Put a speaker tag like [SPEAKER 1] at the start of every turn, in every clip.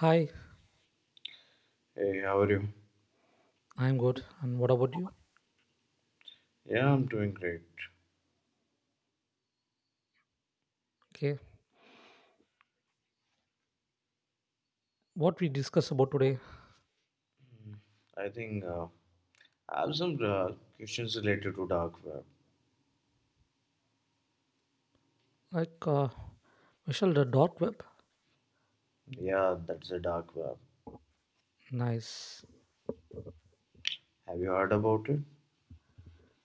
[SPEAKER 1] Hi,
[SPEAKER 2] Hey, how are you?
[SPEAKER 1] I'm good. And what about you?
[SPEAKER 2] Yeah, I'm doing great.
[SPEAKER 1] Okay, what we discuss about today,
[SPEAKER 2] I think uh, I have some questions related to dark web.
[SPEAKER 1] like we shall the dark web.
[SPEAKER 2] Yeah, that's a dark web.
[SPEAKER 1] Nice.
[SPEAKER 2] Have you heard about it?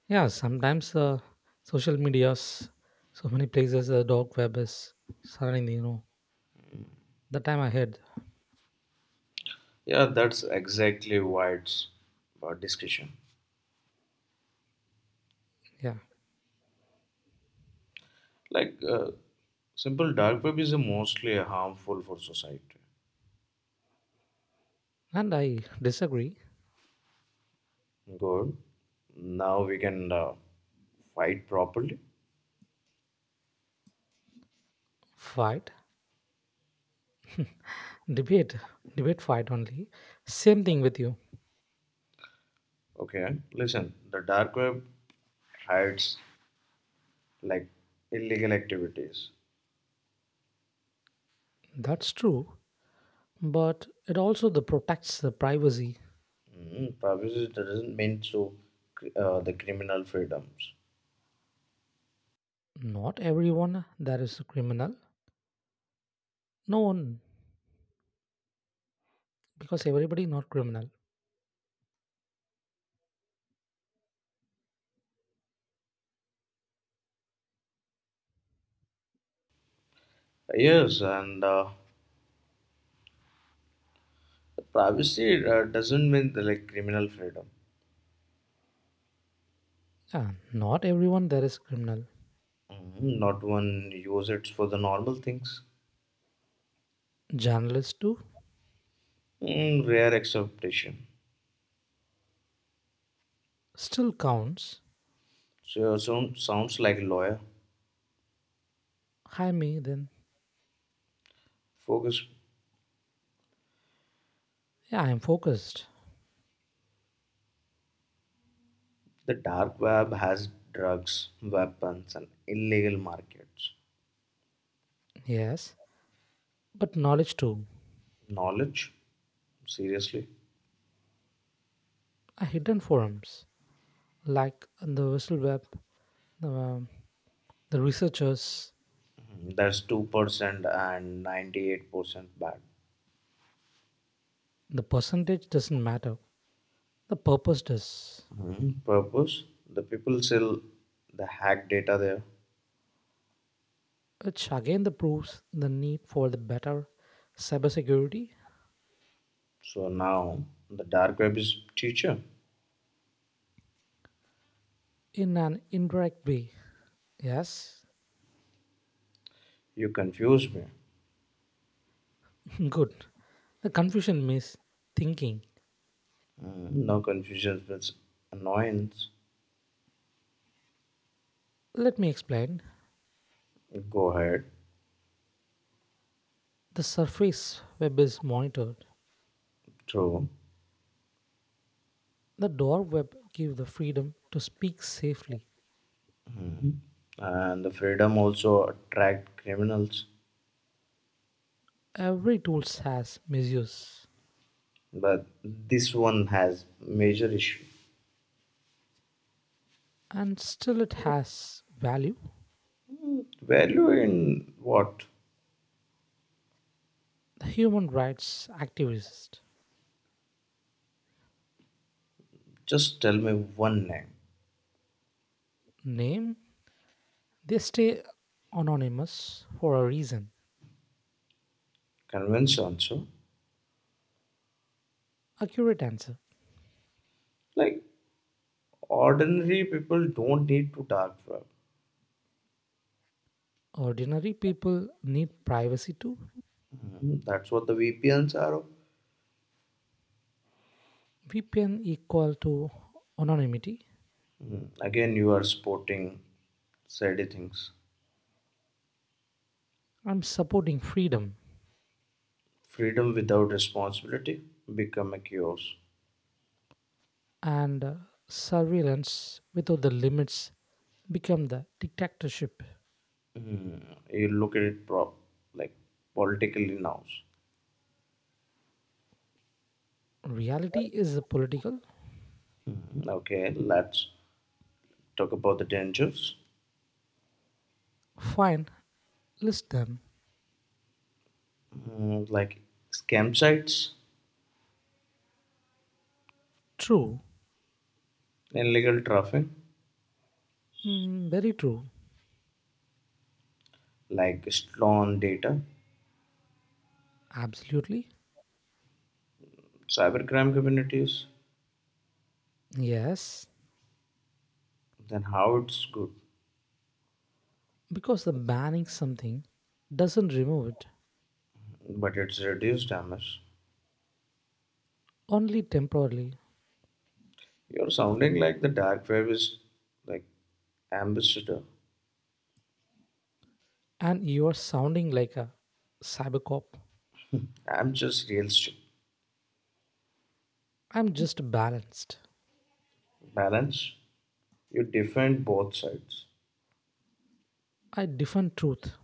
[SPEAKER 1] Yeah, sometimes social medias, so many places the dark web is suddenly, the time ahead.
[SPEAKER 2] Yeah, that's exactly why it's about discussion.
[SPEAKER 1] Yeah,
[SPEAKER 2] Like, uh, Simple dark web is mostly harmful for society.
[SPEAKER 1] and I disagree.
[SPEAKER 2] Good. Now we can fight properly.
[SPEAKER 1] Fight, debate, debate, fight only. Same thing with you.
[SPEAKER 2] Okay, listen, the dark web hides like illegal activities.
[SPEAKER 1] That's true, but it also the protects the privacy.
[SPEAKER 2] Privacy doesn't mean so the criminal freedoms.
[SPEAKER 1] Not everyone that is a criminal. No one because everybody not criminal.
[SPEAKER 2] Yes, and privacy doesn't mean the, like criminal freedom.
[SPEAKER 1] Yeah, not everyone there is criminal.
[SPEAKER 2] Not one use it for the normal things.
[SPEAKER 1] Journalist too,
[SPEAKER 2] Mm, rare exception.
[SPEAKER 1] still counts.
[SPEAKER 2] So sounds like lawyer.
[SPEAKER 1] Hi me then,
[SPEAKER 2] Focus.
[SPEAKER 1] yeah, I am focused.
[SPEAKER 2] The dark web has drugs, weapons, and illegal markets.
[SPEAKER 1] Yes, but knowledge too.
[SPEAKER 2] Knowledge, seriously.
[SPEAKER 1] A hidden forums, like the whistle web the, um, the researchers.
[SPEAKER 2] That's 2% and 98% bad.
[SPEAKER 1] The percentage doesn't matter, the purpose does,
[SPEAKER 2] Mhm. Purpose the people sell the hack data there.
[SPEAKER 1] which again the proves the need for the better cybersecurity
[SPEAKER 2] So now the dark web is teacher.
[SPEAKER 1] in an indirect way, yes.
[SPEAKER 2] You confuse me.
[SPEAKER 1] Good, the confusion means thinking.
[SPEAKER 2] No, confusion means annoyance.
[SPEAKER 1] Let me explain.
[SPEAKER 2] Go ahead.
[SPEAKER 1] The surface web is monitored.
[SPEAKER 2] True.
[SPEAKER 1] The door web gives the freedom to speak safely.
[SPEAKER 2] And the freedom also attract criminals.
[SPEAKER 1] Every tool has misuse,
[SPEAKER 2] But this one has major issue.
[SPEAKER 1] and still it has value.
[SPEAKER 2] Value in what?
[SPEAKER 1] The human rights activists
[SPEAKER 2] Just tell me one name.
[SPEAKER 1] name, they stay anonymous for a reason.
[SPEAKER 2] Convince also.
[SPEAKER 1] Accurate answer.
[SPEAKER 2] Like ordinary people don't need to dark web.
[SPEAKER 1] Ordinary people need privacy too.
[SPEAKER 2] Mhm. That's what the VPNs are.
[SPEAKER 1] VPN equal to anonymity.
[SPEAKER 2] Again, you are sporting shady things.
[SPEAKER 1] I'm supporting freedom.
[SPEAKER 2] Freedom without responsibility become a chaos.
[SPEAKER 1] And surveillance without the limits become the dictatorship.
[SPEAKER 2] Mm, You look at it prop, like politically now.
[SPEAKER 1] Reality is a political.
[SPEAKER 2] Okay, let's talk about the dangers.
[SPEAKER 1] Fine, list them.
[SPEAKER 2] Like scam sites,
[SPEAKER 1] True.
[SPEAKER 2] illegal traffic,
[SPEAKER 1] Mm, very true.
[SPEAKER 2] like stolen data,
[SPEAKER 1] Absolutely.
[SPEAKER 2] cybercrime communities.
[SPEAKER 1] Yes,
[SPEAKER 2] Then how it's good,
[SPEAKER 1] because the banning something doesn't remove it,
[SPEAKER 2] but it's reduced damage.
[SPEAKER 1] only temporarily.
[SPEAKER 2] You're sounding like the dark web is like ambassador.
[SPEAKER 1] And you are sounding like a cybercop.
[SPEAKER 2] I'm just realistic.
[SPEAKER 1] I'm just balanced.
[SPEAKER 2] Balance. You defend both sides.
[SPEAKER 1] I defend truth.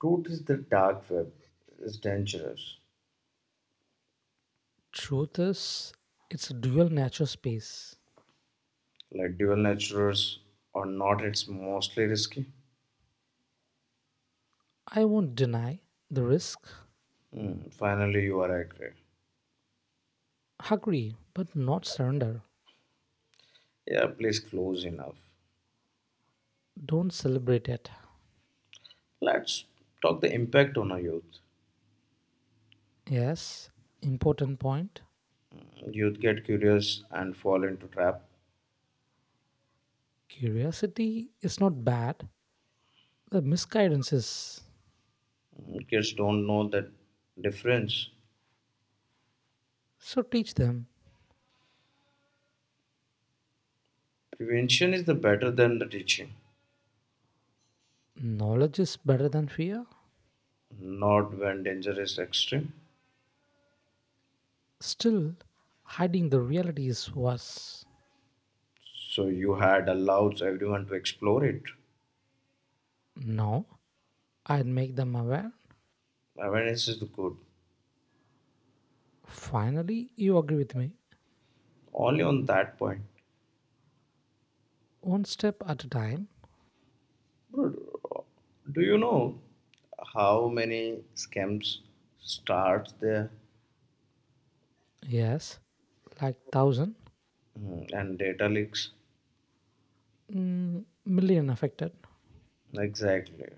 [SPEAKER 2] Truth is the dark web is dangerous.
[SPEAKER 1] Truth is, it's a dual nature space.
[SPEAKER 2] Like dual natures or not, it's mostly risky.
[SPEAKER 1] I won't deny the risk.
[SPEAKER 2] Hmm, finally, you are accurate.
[SPEAKER 1] Agree, but not surrender.
[SPEAKER 2] Yeah, please close enough.
[SPEAKER 1] Don't celebrate it.
[SPEAKER 2] Let's talk the impact on our youth.
[SPEAKER 1] Yes, important point.
[SPEAKER 2] Youth get curious and fall into trap.
[SPEAKER 1] Curiosity is not bad. The misguidance is.
[SPEAKER 2] Hmm, kids don't know the difference.
[SPEAKER 1] So teach them.
[SPEAKER 2] Prevention is the better than the teaching.
[SPEAKER 1] Knowledge is better than fear.
[SPEAKER 2] Not when danger is extreme.
[SPEAKER 1] Still, hiding the reality is worse.
[SPEAKER 2] So you had allowed everyone to explore it.
[SPEAKER 1] No, I'd make them aware.
[SPEAKER 2] Awareness is good.
[SPEAKER 1] Finally, you agree with me.
[SPEAKER 2] Only on that point.
[SPEAKER 1] One step at a time.
[SPEAKER 2] But uh, do you know how many scams starts there.
[SPEAKER 1] Yes, like thousand,
[SPEAKER 2] And data leaks?
[SPEAKER 1] mm, million affected.
[SPEAKER 2] Exactly.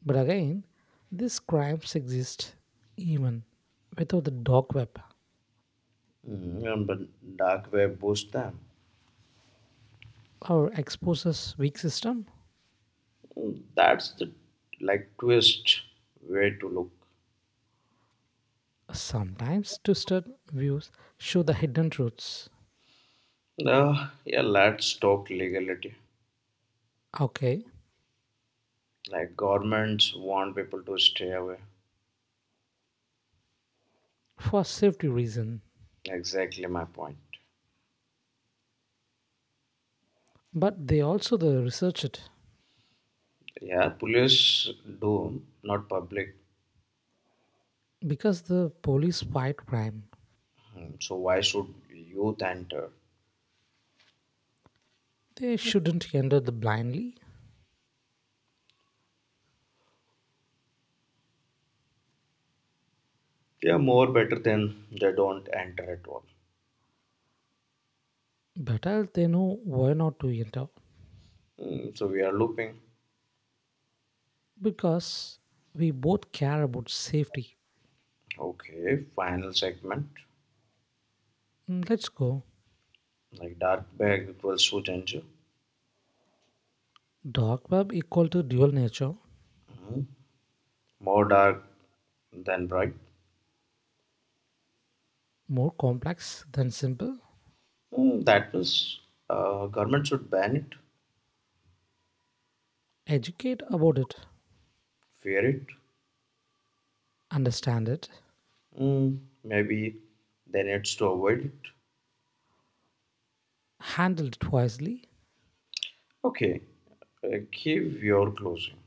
[SPEAKER 1] But again, these crimes exist even without the dark web,
[SPEAKER 2] And but dark web boosts them.
[SPEAKER 1] or exposes weak system.
[SPEAKER 2] That's the like twist way to look.
[SPEAKER 1] Sometimes twisted views show the hidden truths.
[SPEAKER 2] Yeah, let's talk legality.
[SPEAKER 1] Okay,
[SPEAKER 2] Like governments want people to stay away.
[SPEAKER 1] for safety reason.
[SPEAKER 2] Exactly my point.
[SPEAKER 1] But they also the research it.
[SPEAKER 2] Yeah, police do, not public.
[SPEAKER 1] Because the police fight crime,
[SPEAKER 2] Hmm, so why should youth enter?
[SPEAKER 1] they shouldn't enter the blindly.
[SPEAKER 2] They are more better than they don't enter at all.
[SPEAKER 1] Better they know why not to enter.
[SPEAKER 2] Hmm, so we are looping.
[SPEAKER 1] Because we both care about safety.
[SPEAKER 2] Okay, final segment.
[SPEAKER 1] Mm, let's go.
[SPEAKER 2] Like dark bag equals to danger.
[SPEAKER 1] Dark web equal to dual nature,
[SPEAKER 2] Hmm, more dark than bright.
[SPEAKER 1] more complex than simple.
[SPEAKER 2] Hmm, that means government should ban it,
[SPEAKER 1] Educate about it,
[SPEAKER 2] fear it.
[SPEAKER 1] understand it,
[SPEAKER 2] Hmm, maybe they needs to avoid it.
[SPEAKER 1] handle it wisely.
[SPEAKER 2] Okay, give your closing.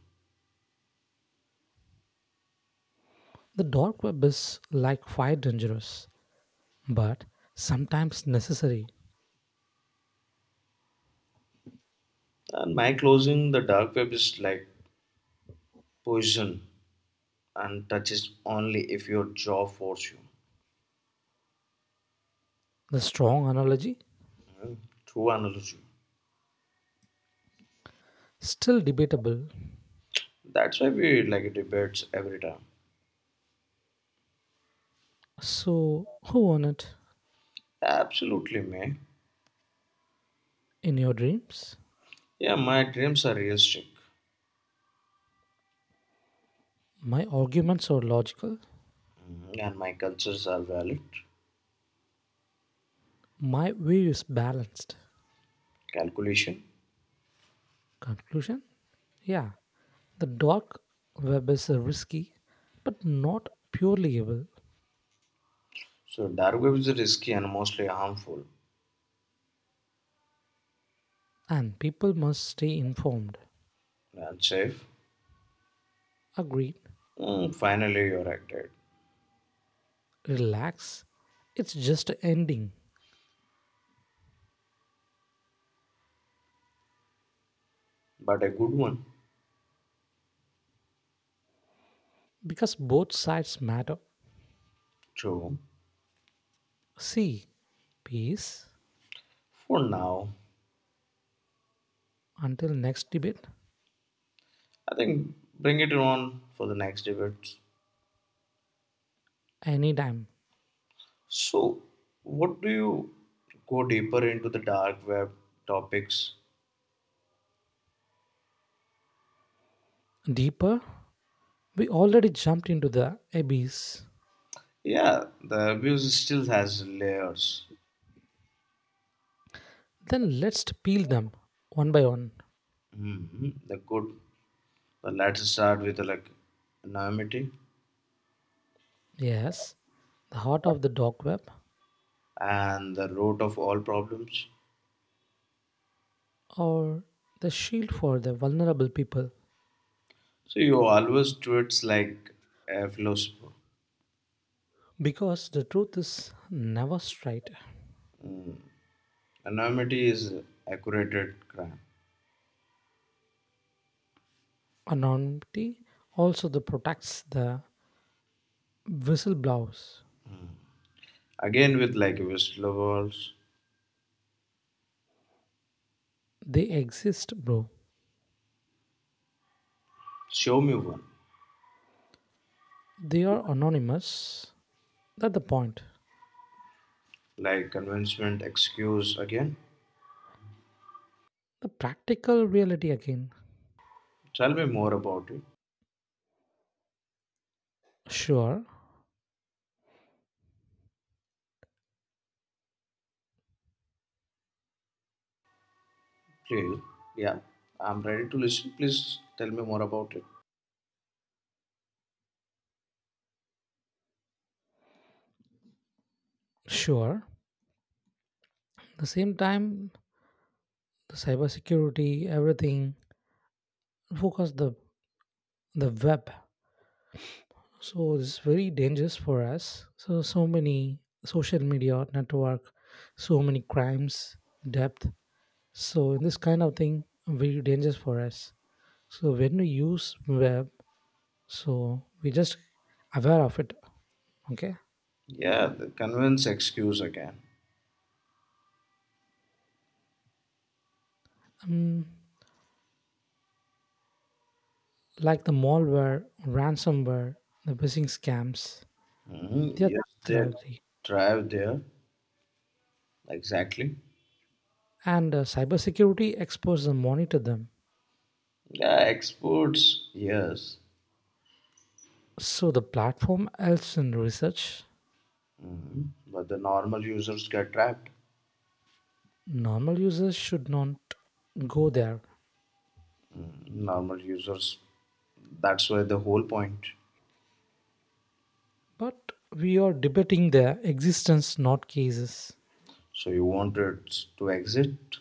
[SPEAKER 1] The dark web is like fire dangerous, but sometimes necessary.
[SPEAKER 2] And my closing, the dark web is like position and touch it only if your jaw force you.
[SPEAKER 1] The strong analogy,
[SPEAKER 2] Hmm, true analogy.
[SPEAKER 1] still debatable.
[SPEAKER 2] That's why we like debates every time.
[SPEAKER 1] So, who won it?
[SPEAKER 2] Absolutely, man.
[SPEAKER 1] In your dreams?
[SPEAKER 2] Yeah, my dreams are realistic.
[SPEAKER 1] My arguments are logical.
[SPEAKER 2] Mhm. And my cultures are valid.
[SPEAKER 1] My view is balanced.
[SPEAKER 2] Calculation.
[SPEAKER 1] Conclusion? Yeah, the dark web is risky, but not purely evil,
[SPEAKER 2] So dark web is risky and mostly harmful
[SPEAKER 1] and people must stay informed.
[SPEAKER 2] and safe.
[SPEAKER 1] Agreed.
[SPEAKER 2] Hmm, finally, you're acted,
[SPEAKER 1] Relax. It's just a ending
[SPEAKER 2] but a good one.
[SPEAKER 1] because both sides matter.
[SPEAKER 2] True.
[SPEAKER 1] See, peace
[SPEAKER 2] For now,
[SPEAKER 1] until next debate,
[SPEAKER 2] I think bring it on for the next debates.
[SPEAKER 1] anytime.
[SPEAKER 2] So, what do you go deeper into the dark web topics?
[SPEAKER 1] Deeper, we already jumped into the abyss.
[SPEAKER 2] Yeah, the abuse still has layers.
[SPEAKER 1] Then let's peel them one by one.
[SPEAKER 2] Hmm, the good, the let's start with like anonymity
[SPEAKER 1] Yes, the heart of the dark web,
[SPEAKER 2] and the root of all problems.
[SPEAKER 1] or the shield for the vulnerable people.
[SPEAKER 2] So you always tweets like a philosopher.
[SPEAKER 1] Because the truth is never straight.
[SPEAKER 2] Mm. Anonymity is accurate crime.
[SPEAKER 1] Anonymity also the protects the whistleblowers.
[SPEAKER 2] Again with like whistleblowers.
[SPEAKER 1] They exist, bro.
[SPEAKER 2] Show me one.
[SPEAKER 1] They are anonymous. That's the point.
[SPEAKER 2] Like convincement excuse again.
[SPEAKER 1] The practical reality again.
[SPEAKER 2] Tell me more about it.
[SPEAKER 1] Sure,
[SPEAKER 2] Real. Yeah, I'm ready to listen. Please tell me more about it.
[SPEAKER 1] sure. At the same time, the cybersecurity, everything, focus the web. So it's very dangerous for us. So many social media network, so many crimes, depth. So in this kind of thing, very dangerous for us. So when we use web, so we just aware of it. Okay.
[SPEAKER 2] Yeah, the convince excuse again.
[SPEAKER 1] Mm, like the malware, ransomware, the phishing scams,
[SPEAKER 2] Mm-hmm.
[SPEAKER 1] they're
[SPEAKER 2] Yes, they
[SPEAKER 1] threatening,
[SPEAKER 2] drive there. Exactly.
[SPEAKER 1] and cybersecurity experts monitor them.
[SPEAKER 2] Yeah, exports. Yes.
[SPEAKER 1] So the platform helps in research.
[SPEAKER 2] Hmm, but the normal users get trapped.
[SPEAKER 1] Normal users should not go there,
[SPEAKER 2] Normal users. That's why the whole point.
[SPEAKER 1] but we are debating their existence, not cases.
[SPEAKER 2] So you want it to exit.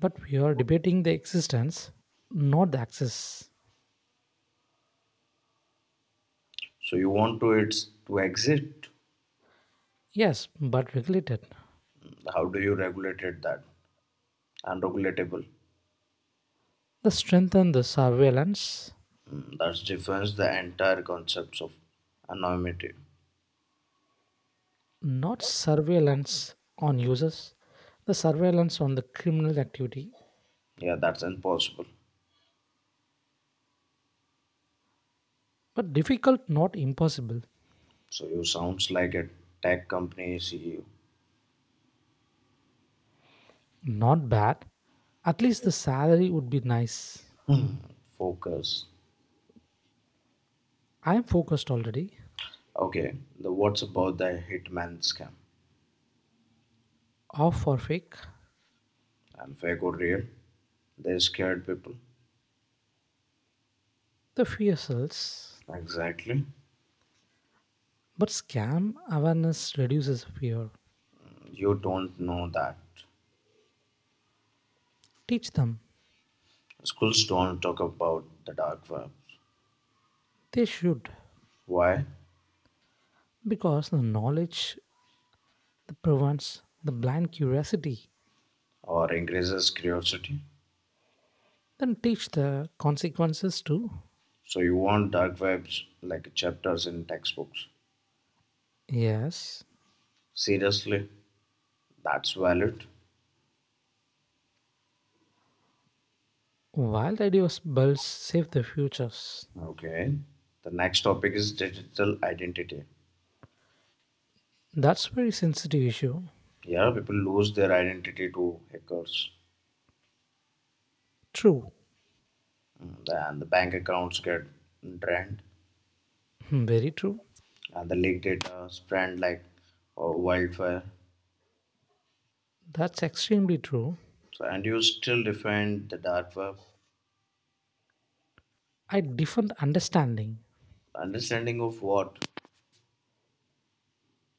[SPEAKER 1] But we are debating the existence, not the access.
[SPEAKER 2] So you want to it to exit.
[SPEAKER 1] Yes, but regulated.
[SPEAKER 2] How do you regulate it that? Unregulatable.
[SPEAKER 1] The strengthen the surveillance,
[SPEAKER 2] That's defines the entire concepts of anonymity.
[SPEAKER 1] not surveillance on users, the surveillance on the criminal activity.
[SPEAKER 2] Yeah, that's impossible.
[SPEAKER 1] But difficult, not impossible.
[SPEAKER 2] So you sounds like a tech company CEO.
[SPEAKER 1] Not bad. At least the salary would be nice.
[SPEAKER 2] Hmm. Focus.
[SPEAKER 1] I'm focused already.
[SPEAKER 2] Okay, the what's about the hitman scam
[SPEAKER 1] Off for fake.
[SPEAKER 2] and fake or real? They scared people.
[SPEAKER 1] The fear sells.
[SPEAKER 2] Exactly.
[SPEAKER 1] But scam awareness reduces fear.
[SPEAKER 2] You don't know that.
[SPEAKER 1] Teach them.
[SPEAKER 2] Schools don't talk about the dark web.
[SPEAKER 1] They should.
[SPEAKER 2] Why?
[SPEAKER 1] Because the knowledge prevents the blind curiosity.
[SPEAKER 2] Or increases curiosity.
[SPEAKER 1] Then teach the consequences too.
[SPEAKER 2] So you want dark webs like chapters in textbooks.
[SPEAKER 1] Yes.
[SPEAKER 2] Seriously, that's valid.
[SPEAKER 1] Wild ideas, bulls save their futures,
[SPEAKER 2] Okay. The next topic is digital identity.
[SPEAKER 1] that's very sensitive issue.
[SPEAKER 2] Yeah, people lose their identity to hackers.
[SPEAKER 1] True,
[SPEAKER 2] And the bank accounts get drained,
[SPEAKER 1] hmm, very true.
[SPEAKER 2] and the leaked data spread like wildfire.
[SPEAKER 1] That's extremely true.
[SPEAKER 2] So, and you still defend the dark web.
[SPEAKER 1] I different understanding
[SPEAKER 2] Understanding of what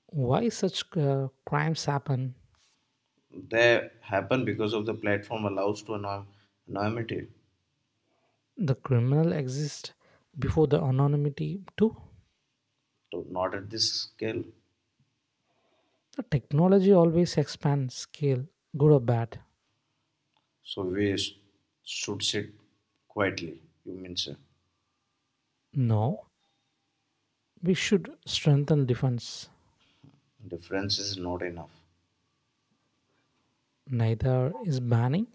[SPEAKER 1] why such crimes happen.
[SPEAKER 2] they happen because of the platform allows to anonymity,
[SPEAKER 1] The criminal exists before the anonymity too.
[SPEAKER 2] so not at this scale.
[SPEAKER 1] The technology always expands scale, good or bad.
[SPEAKER 2] So we s- should sit quietly. You mean sir,
[SPEAKER 1] No, we should strengthen defense.
[SPEAKER 2] difference is not enough.
[SPEAKER 1] Neither is banning.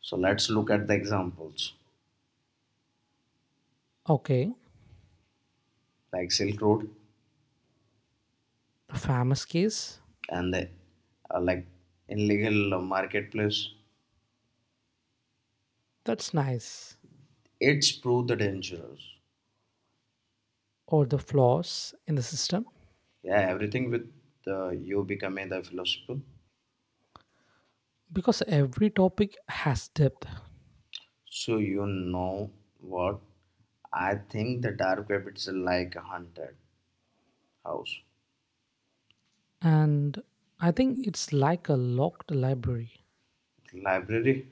[SPEAKER 2] So let's look at the examples
[SPEAKER 1] Okay,
[SPEAKER 2] like Silk Road.
[SPEAKER 1] the famous case.
[SPEAKER 2] And the, like in legal marketplace,
[SPEAKER 1] That's nice.
[SPEAKER 2] it's proved the dangerous.
[SPEAKER 1] Or the flaws in the system,
[SPEAKER 2] Yeah, everything with you becoming the philosopher.
[SPEAKER 1] because every topic has depth.
[SPEAKER 2] So you know what, I think the dark web is like a haunted house
[SPEAKER 1] And I think it's like a locked library
[SPEAKER 2] library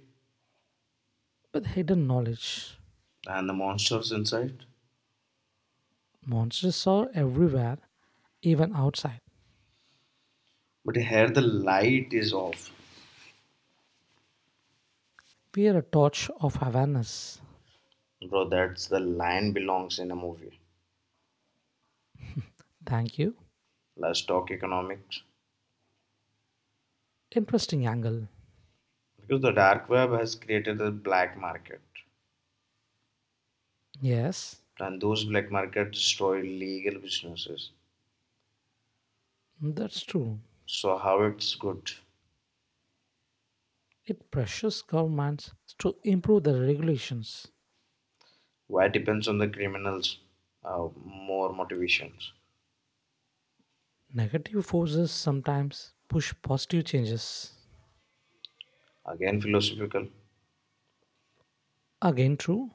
[SPEAKER 1] with hidden knowledge.
[SPEAKER 2] and the monsters inside,
[SPEAKER 1] Monsters are everywhere, even outside.
[SPEAKER 2] but here the light is off.
[SPEAKER 1] We are a torch of awareness.
[SPEAKER 2] Bro, that's the line belongs in a movie.
[SPEAKER 1] Thank you.
[SPEAKER 2] Let's talk economics,
[SPEAKER 1] Interesting angle.
[SPEAKER 2] because the dark web has created a black market.
[SPEAKER 1] Yes,
[SPEAKER 2] And those black markets destroy legal businesses.
[SPEAKER 1] that's true.
[SPEAKER 2] So how it's good?
[SPEAKER 1] It pressures governments to improve their regulations.
[SPEAKER 2] Why depends on the criminals? More motivations.
[SPEAKER 1] Negative forces sometimes push positive changes.
[SPEAKER 2] Again philosophical.
[SPEAKER 1] Again true.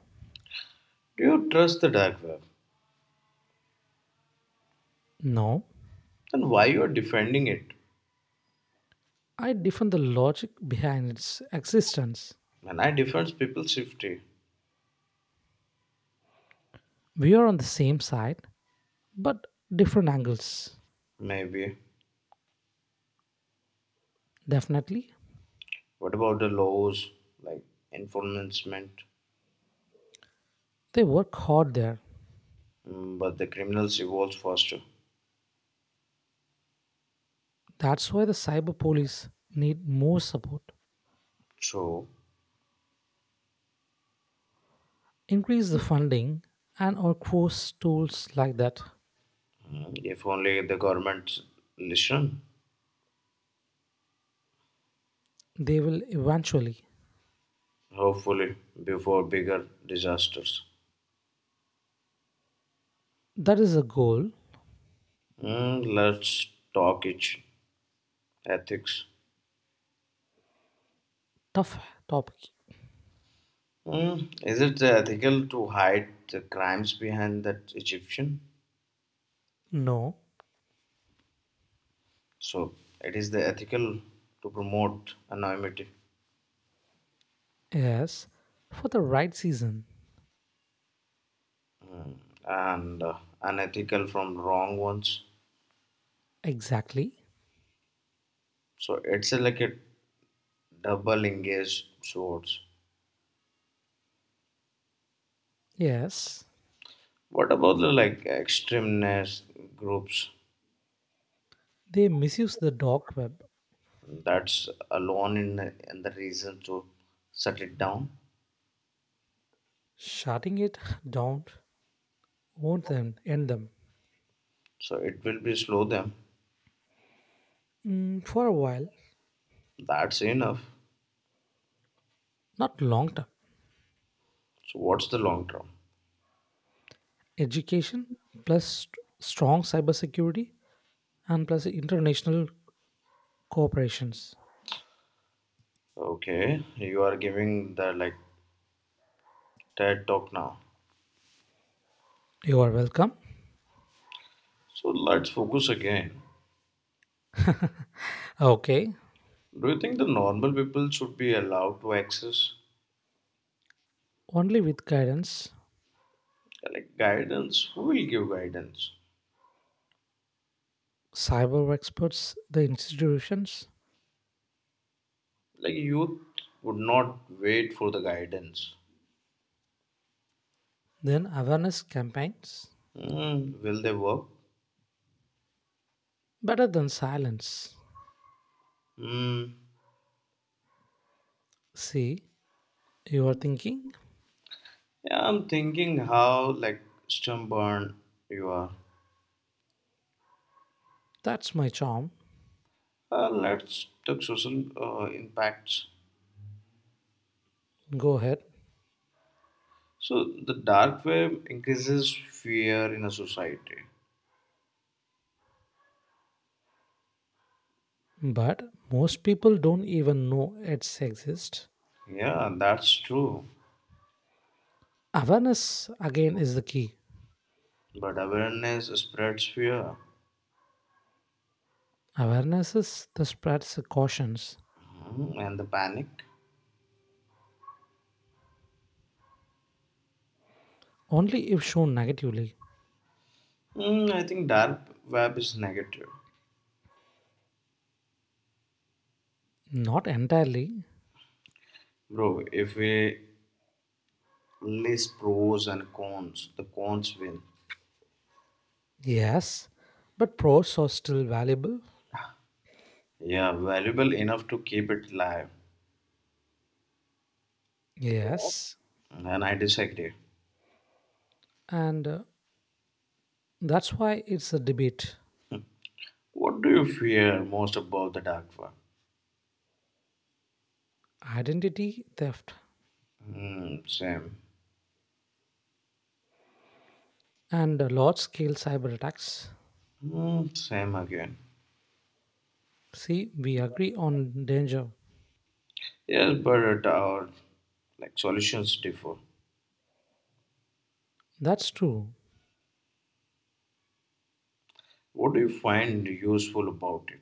[SPEAKER 2] Do you trust the dark web?
[SPEAKER 1] No,
[SPEAKER 2] Then why you are defending it?
[SPEAKER 1] I defend the logic behind its existence.
[SPEAKER 2] And I defend people's safety.
[SPEAKER 1] We are on the same side, but different angles.
[SPEAKER 2] Maybe.
[SPEAKER 1] Definitely.
[SPEAKER 2] What about the laws like enforcement?
[SPEAKER 1] They work hard there.
[SPEAKER 2] But the criminals evolve faster.
[SPEAKER 1] That's why the cyber police need more support.
[SPEAKER 2] So
[SPEAKER 1] Increase the funding and or course tools like that.
[SPEAKER 2] if only the governments listen,
[SPEAKER 1] They will eventually.
[SPEAKER 2] hopefully before bigger disasters.
[SPEAKER 1] That is a goal.
[SPEAKER 2] Let's talk it ethics.
[SPEAKER 1] Tough topic.
[SPEAKER 2] Is it ethical to hide the crimes behind that Egyptian?
[SPEAKER 1] No.
[SPEAKER 2] So it is the ethical to promote anonymity
[SPEAKER 1] Yes, for the right season.
[SPEAKER 2] and unethical from wrong ones.
[SPEAKER 1] Exactly.
[SPEAKER 2] So it's a, like a double engaged swords.
[SPEAKER 1] Yes,
[SPEAKER 2] What about the like extremist groups?
[SPEAKER 1] they misuse the dark web.
[SPEAKER 2] That's alone in the reason to shut it down.
[SPEAKER 1] Shutting it down won't then end them.
[SPEAKER 2] So it will be slow them.
[SPEAKER 1] Mm, for a while,
[SPEAKER 2] That's enough.
[SPEAKER 1] not long term.
[SPEAKER 2] So what's the long term?
[SPEAKER 1] Education plus strong cybersecurity and plus international cooperations.
[SPEAKER 2] Okay, you are giving the like TED talk now.
[SPEAKER 1] You are welcome.
[SPEAKER 2] So let's focus again.
[SPEAKER 1] Okay.
[SPEAKER 2] Do you think the normal people should be allowed to access
[SPEAKER 1] Only with guidance,
[SPEAKER 2] like guidance? Who will give guidance?
[SPEAKER 1] cyber experts, the institutions,
[SPEAKER 2] Like youth would not wait for the guidance.
[SPEAKER 1] then awareness campaigns.
[SPEAKER 2] Hmm, will they work?
[SPEAKER 1] Better than silence.
[SPEAKER 2] Hmm.
[SPEAKER 1] See, you are thinking,
[SPEAKER 2] Yeah, I'm thinking how like stubborn you are.
[SPEAKER 1] that's my charm.
[SPEAKER 2] Let's talk social impacts.
[SPEAKER 1] Go ahead.
[SPEAKER 2] So the dark web increases fear in a society.
[SPEAKER 1] But most people don't even know it's exist.
[SPEAKER 2] Yeah, that's true.
[SPEAKER 1] Awareness again is the key.
[SPEAKER 2] But awareness spreads fear.
[SPEAKER 1] Awareness is the spreads the cautions.
[SPEAKER 2] And the panic.
[SPEAKER 1] Only if shown negatively,
[SPEAKER 2] I think dark web is negative.
[SPEAKER 1] not entirely.
[SPEAKER 2] Bro, if we list pros and cons, the cons win.
[SPEAKER 1] Yes, but pros are still valuable.
[SPEAKER 2] Yeah, valuable enough to keep it live.
[SPEAKER 1] Yes,
[SPEAKER 2] And I disagree.
[SPEAKER 1] and that's why it's a debate.
[SPEAKER 2] What do you fear most about the dark web?
[SPEAKER 1] Identity theft
[SPEAKER 2] Mm, same.
[SPEAKER 1] and large scale cyber attacks.
[SPEAKER 2] Mm, same again.
[SPEAKER 1] See, we agree on danger.
[SPEAKER 2] Yes, but our like solutions differ.
[SPEAKER 1] That's true.
[SPEAKER 2] What do you find useful about it?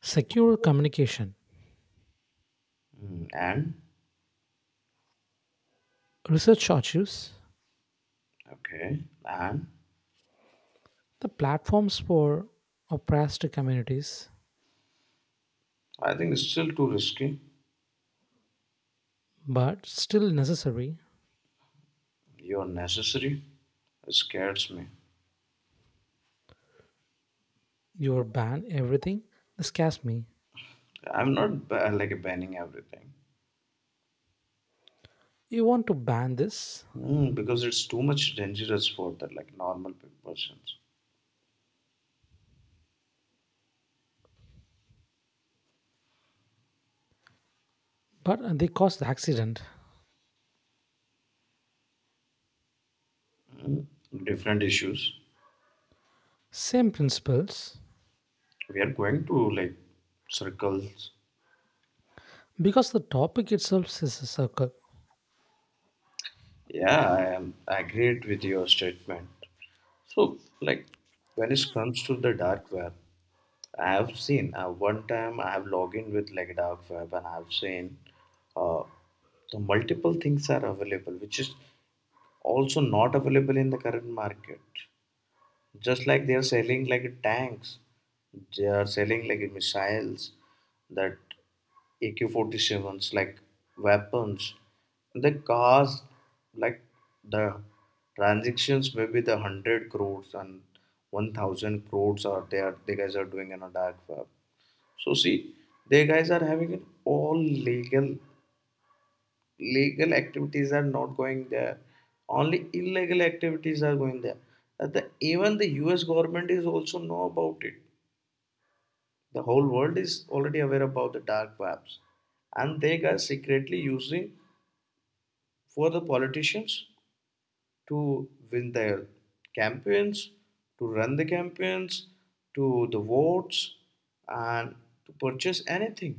[SPEAKER 1] Secure communication,
[SPEAKER 2] Mm, and
[SPEAKER 1] research archives,
[SPEAKER 2] okay, and
[SPEAKER 1] the platforms for oppressed communities,
[SPEAKER 2] I think it's still too risky.
[SPEAKER 1] but still necessary.
[SPEAKER 2] You're necessary. It scares me.
[SPEAKER 1] You ban everything. This scares me.
[SPEAKER 2] I'm not ba- Like banning everything
[SPEAKER 1] You want to ban this?
[SPEAKER 2] because it's too much dangerous for that like normal persons.
[SPEAKER 1] But they caused the accident.
[SPEAKER 2] Mm, Different issues.
[SPEAKER 1] Same principles,
[SPEAKER 2] We are going to like circles.
[SPEAKER 1] because the topic itself is a circle.
[SPEAKER 2] Yeah, I am agreed with your statement. So, like when it comes to the dark web, I have seen one time I have logged in with like dark web, and I have seen uh, the multiple things are available, which is also not available in the current market. Just like they are selling like tanks, they are selling like missiles, that AK-47s, like weapons. They cost like the transactions maybe the 100 crores and 1,000 crores are they guys are doing in a dark web. So see, they guys are having an all legal legal activities are not going there, only illegal activities are going there. Uh, the, Even the us government is also know about it. The whole world is already aware about the dark webs and they are secretly using for the politicians to win their campaigns, to run the campaigns, to the votes, and to purchase anything,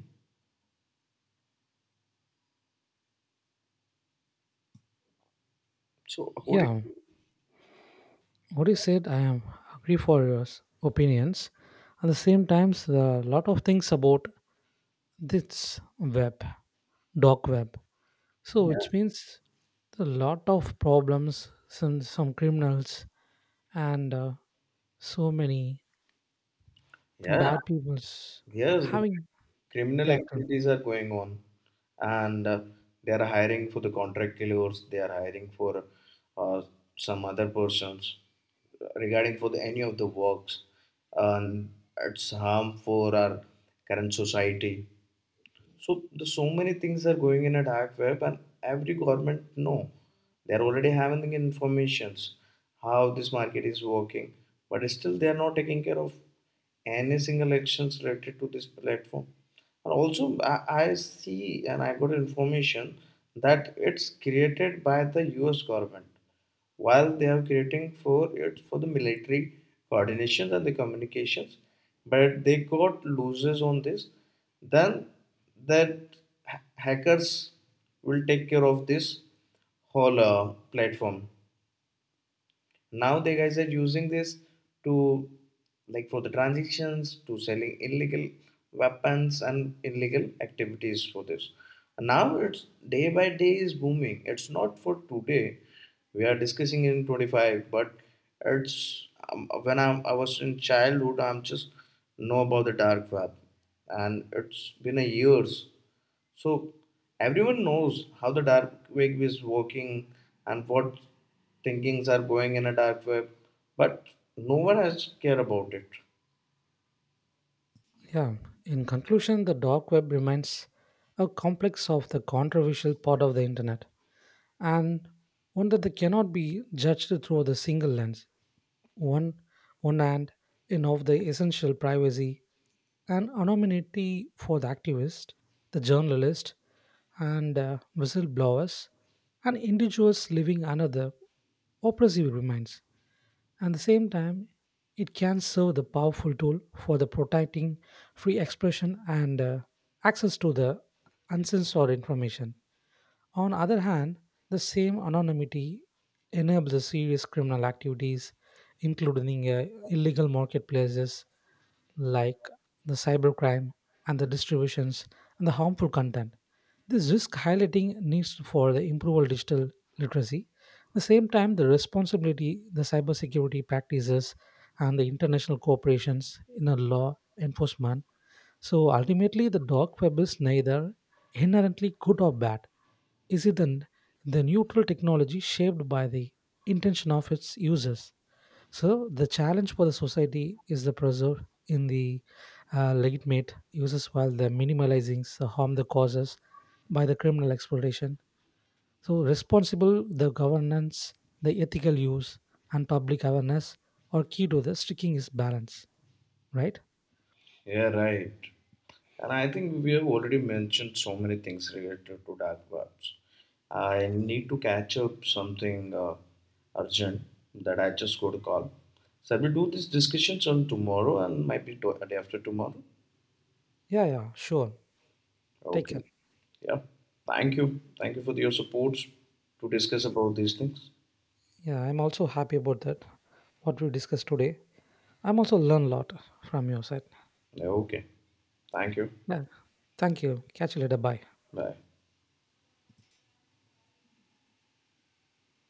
[SPEAKER 2] so according
[SPEAKER 1] Yeah,
[SPEAKER 2] to,
[SPEAKER 1] what you said, I am agree for your opinions. At the same times, there are a lot of things about this web, dark web. So,
[SPEAKER 2] yeah,
[SPEAKER 1] which means a lot of problems, some criminals, and so many
[SPEAKER 2] yeah.
[SPEAKER 1] bad people's
[SPEAKER 2] Yes, the
[SPEAKER 1] having.
[SPEAKER 2] criminal
[SPEAKER 1] Yeah, tell me.
[SPEAKER 2] activities are going on, and they are hiring for the contract killers. They are hiring for uh, some other persons regarding for the, any of the works, and it's harm for our current society. So the so many things are going in at high web, and every government know they're already having the informations how this market is working, but still they are not taking care of any single actions related to this platform. And also, I see and I got information that it's created by the U.S. government while they are creating for it for the military coordination and the communications, but they got loses on this, then that hackers will take care of this whole platform. Now they guys are using this to like for the transactions to selling illegal weapons and illegal activities for this. And now it's day by day is booming, it's not for today, we are discussing in 25, but it's when I was in childhood I'm just know about the dark web and it's been a years. So everyone knows how the dark web is working and what thinkings are going in a dark web, but no one has care about it.
[SPEAKER 1] Yeah, in conclusion, the dark web remains a complex of the controversial part of the internet and one that they cannot be judged through the single lens. One, one hand, in of the essential privacy and anonymity for the activist, the journalist, and whistleblowers, and individuals living under the oppressive remains. At the same time, it can serve the powerful tool for the protecting free expression and access to the uncensored information. On other hand, the same anonymity enables the serious criminal activities, including illegal marketplaces like the cybercrime and the distributions and the harmful content. This risk highlighting needs for the improved digital literacy. At the same time, the responsibility, the cybersecurity practices, and the international cooperations in a law enforcement. So ultimately, the dark web is neither inherently good or bad. Is it an, the neutral technology shaped by the intention of its users? So the challenge for the society is the preserve in the legitimate uses while the minimalizing the harm the causes by the criminal exploitation. So, responsible, the governance, the ethical use, and public awareness are key to the sticking is balance, right?
[SPEAKER 2] Yeah, right. And I think we have already mentioned so many things related to dark webs. I need to catch up something urgent, that I just got a call. Shall we do these discussions on tomorrow and might be day after tomorrow?
[SPEAKER 1] Yeah, yeah, sure. Take care.
[SPEAKER 2] Okay. Yeah. Thank you. Thank you for your support to discuss about these things.
[SPEAKER 1] Yeah, I'm also happy about that. What we discussed today. I'm also learn a lot from your side.
[SPEAKER 2] Yeah, okay. Thank you.
[SPEAKER 1] Yeah. Thank you. Catch you later. Bye.
[SPEAKER 2] Bye.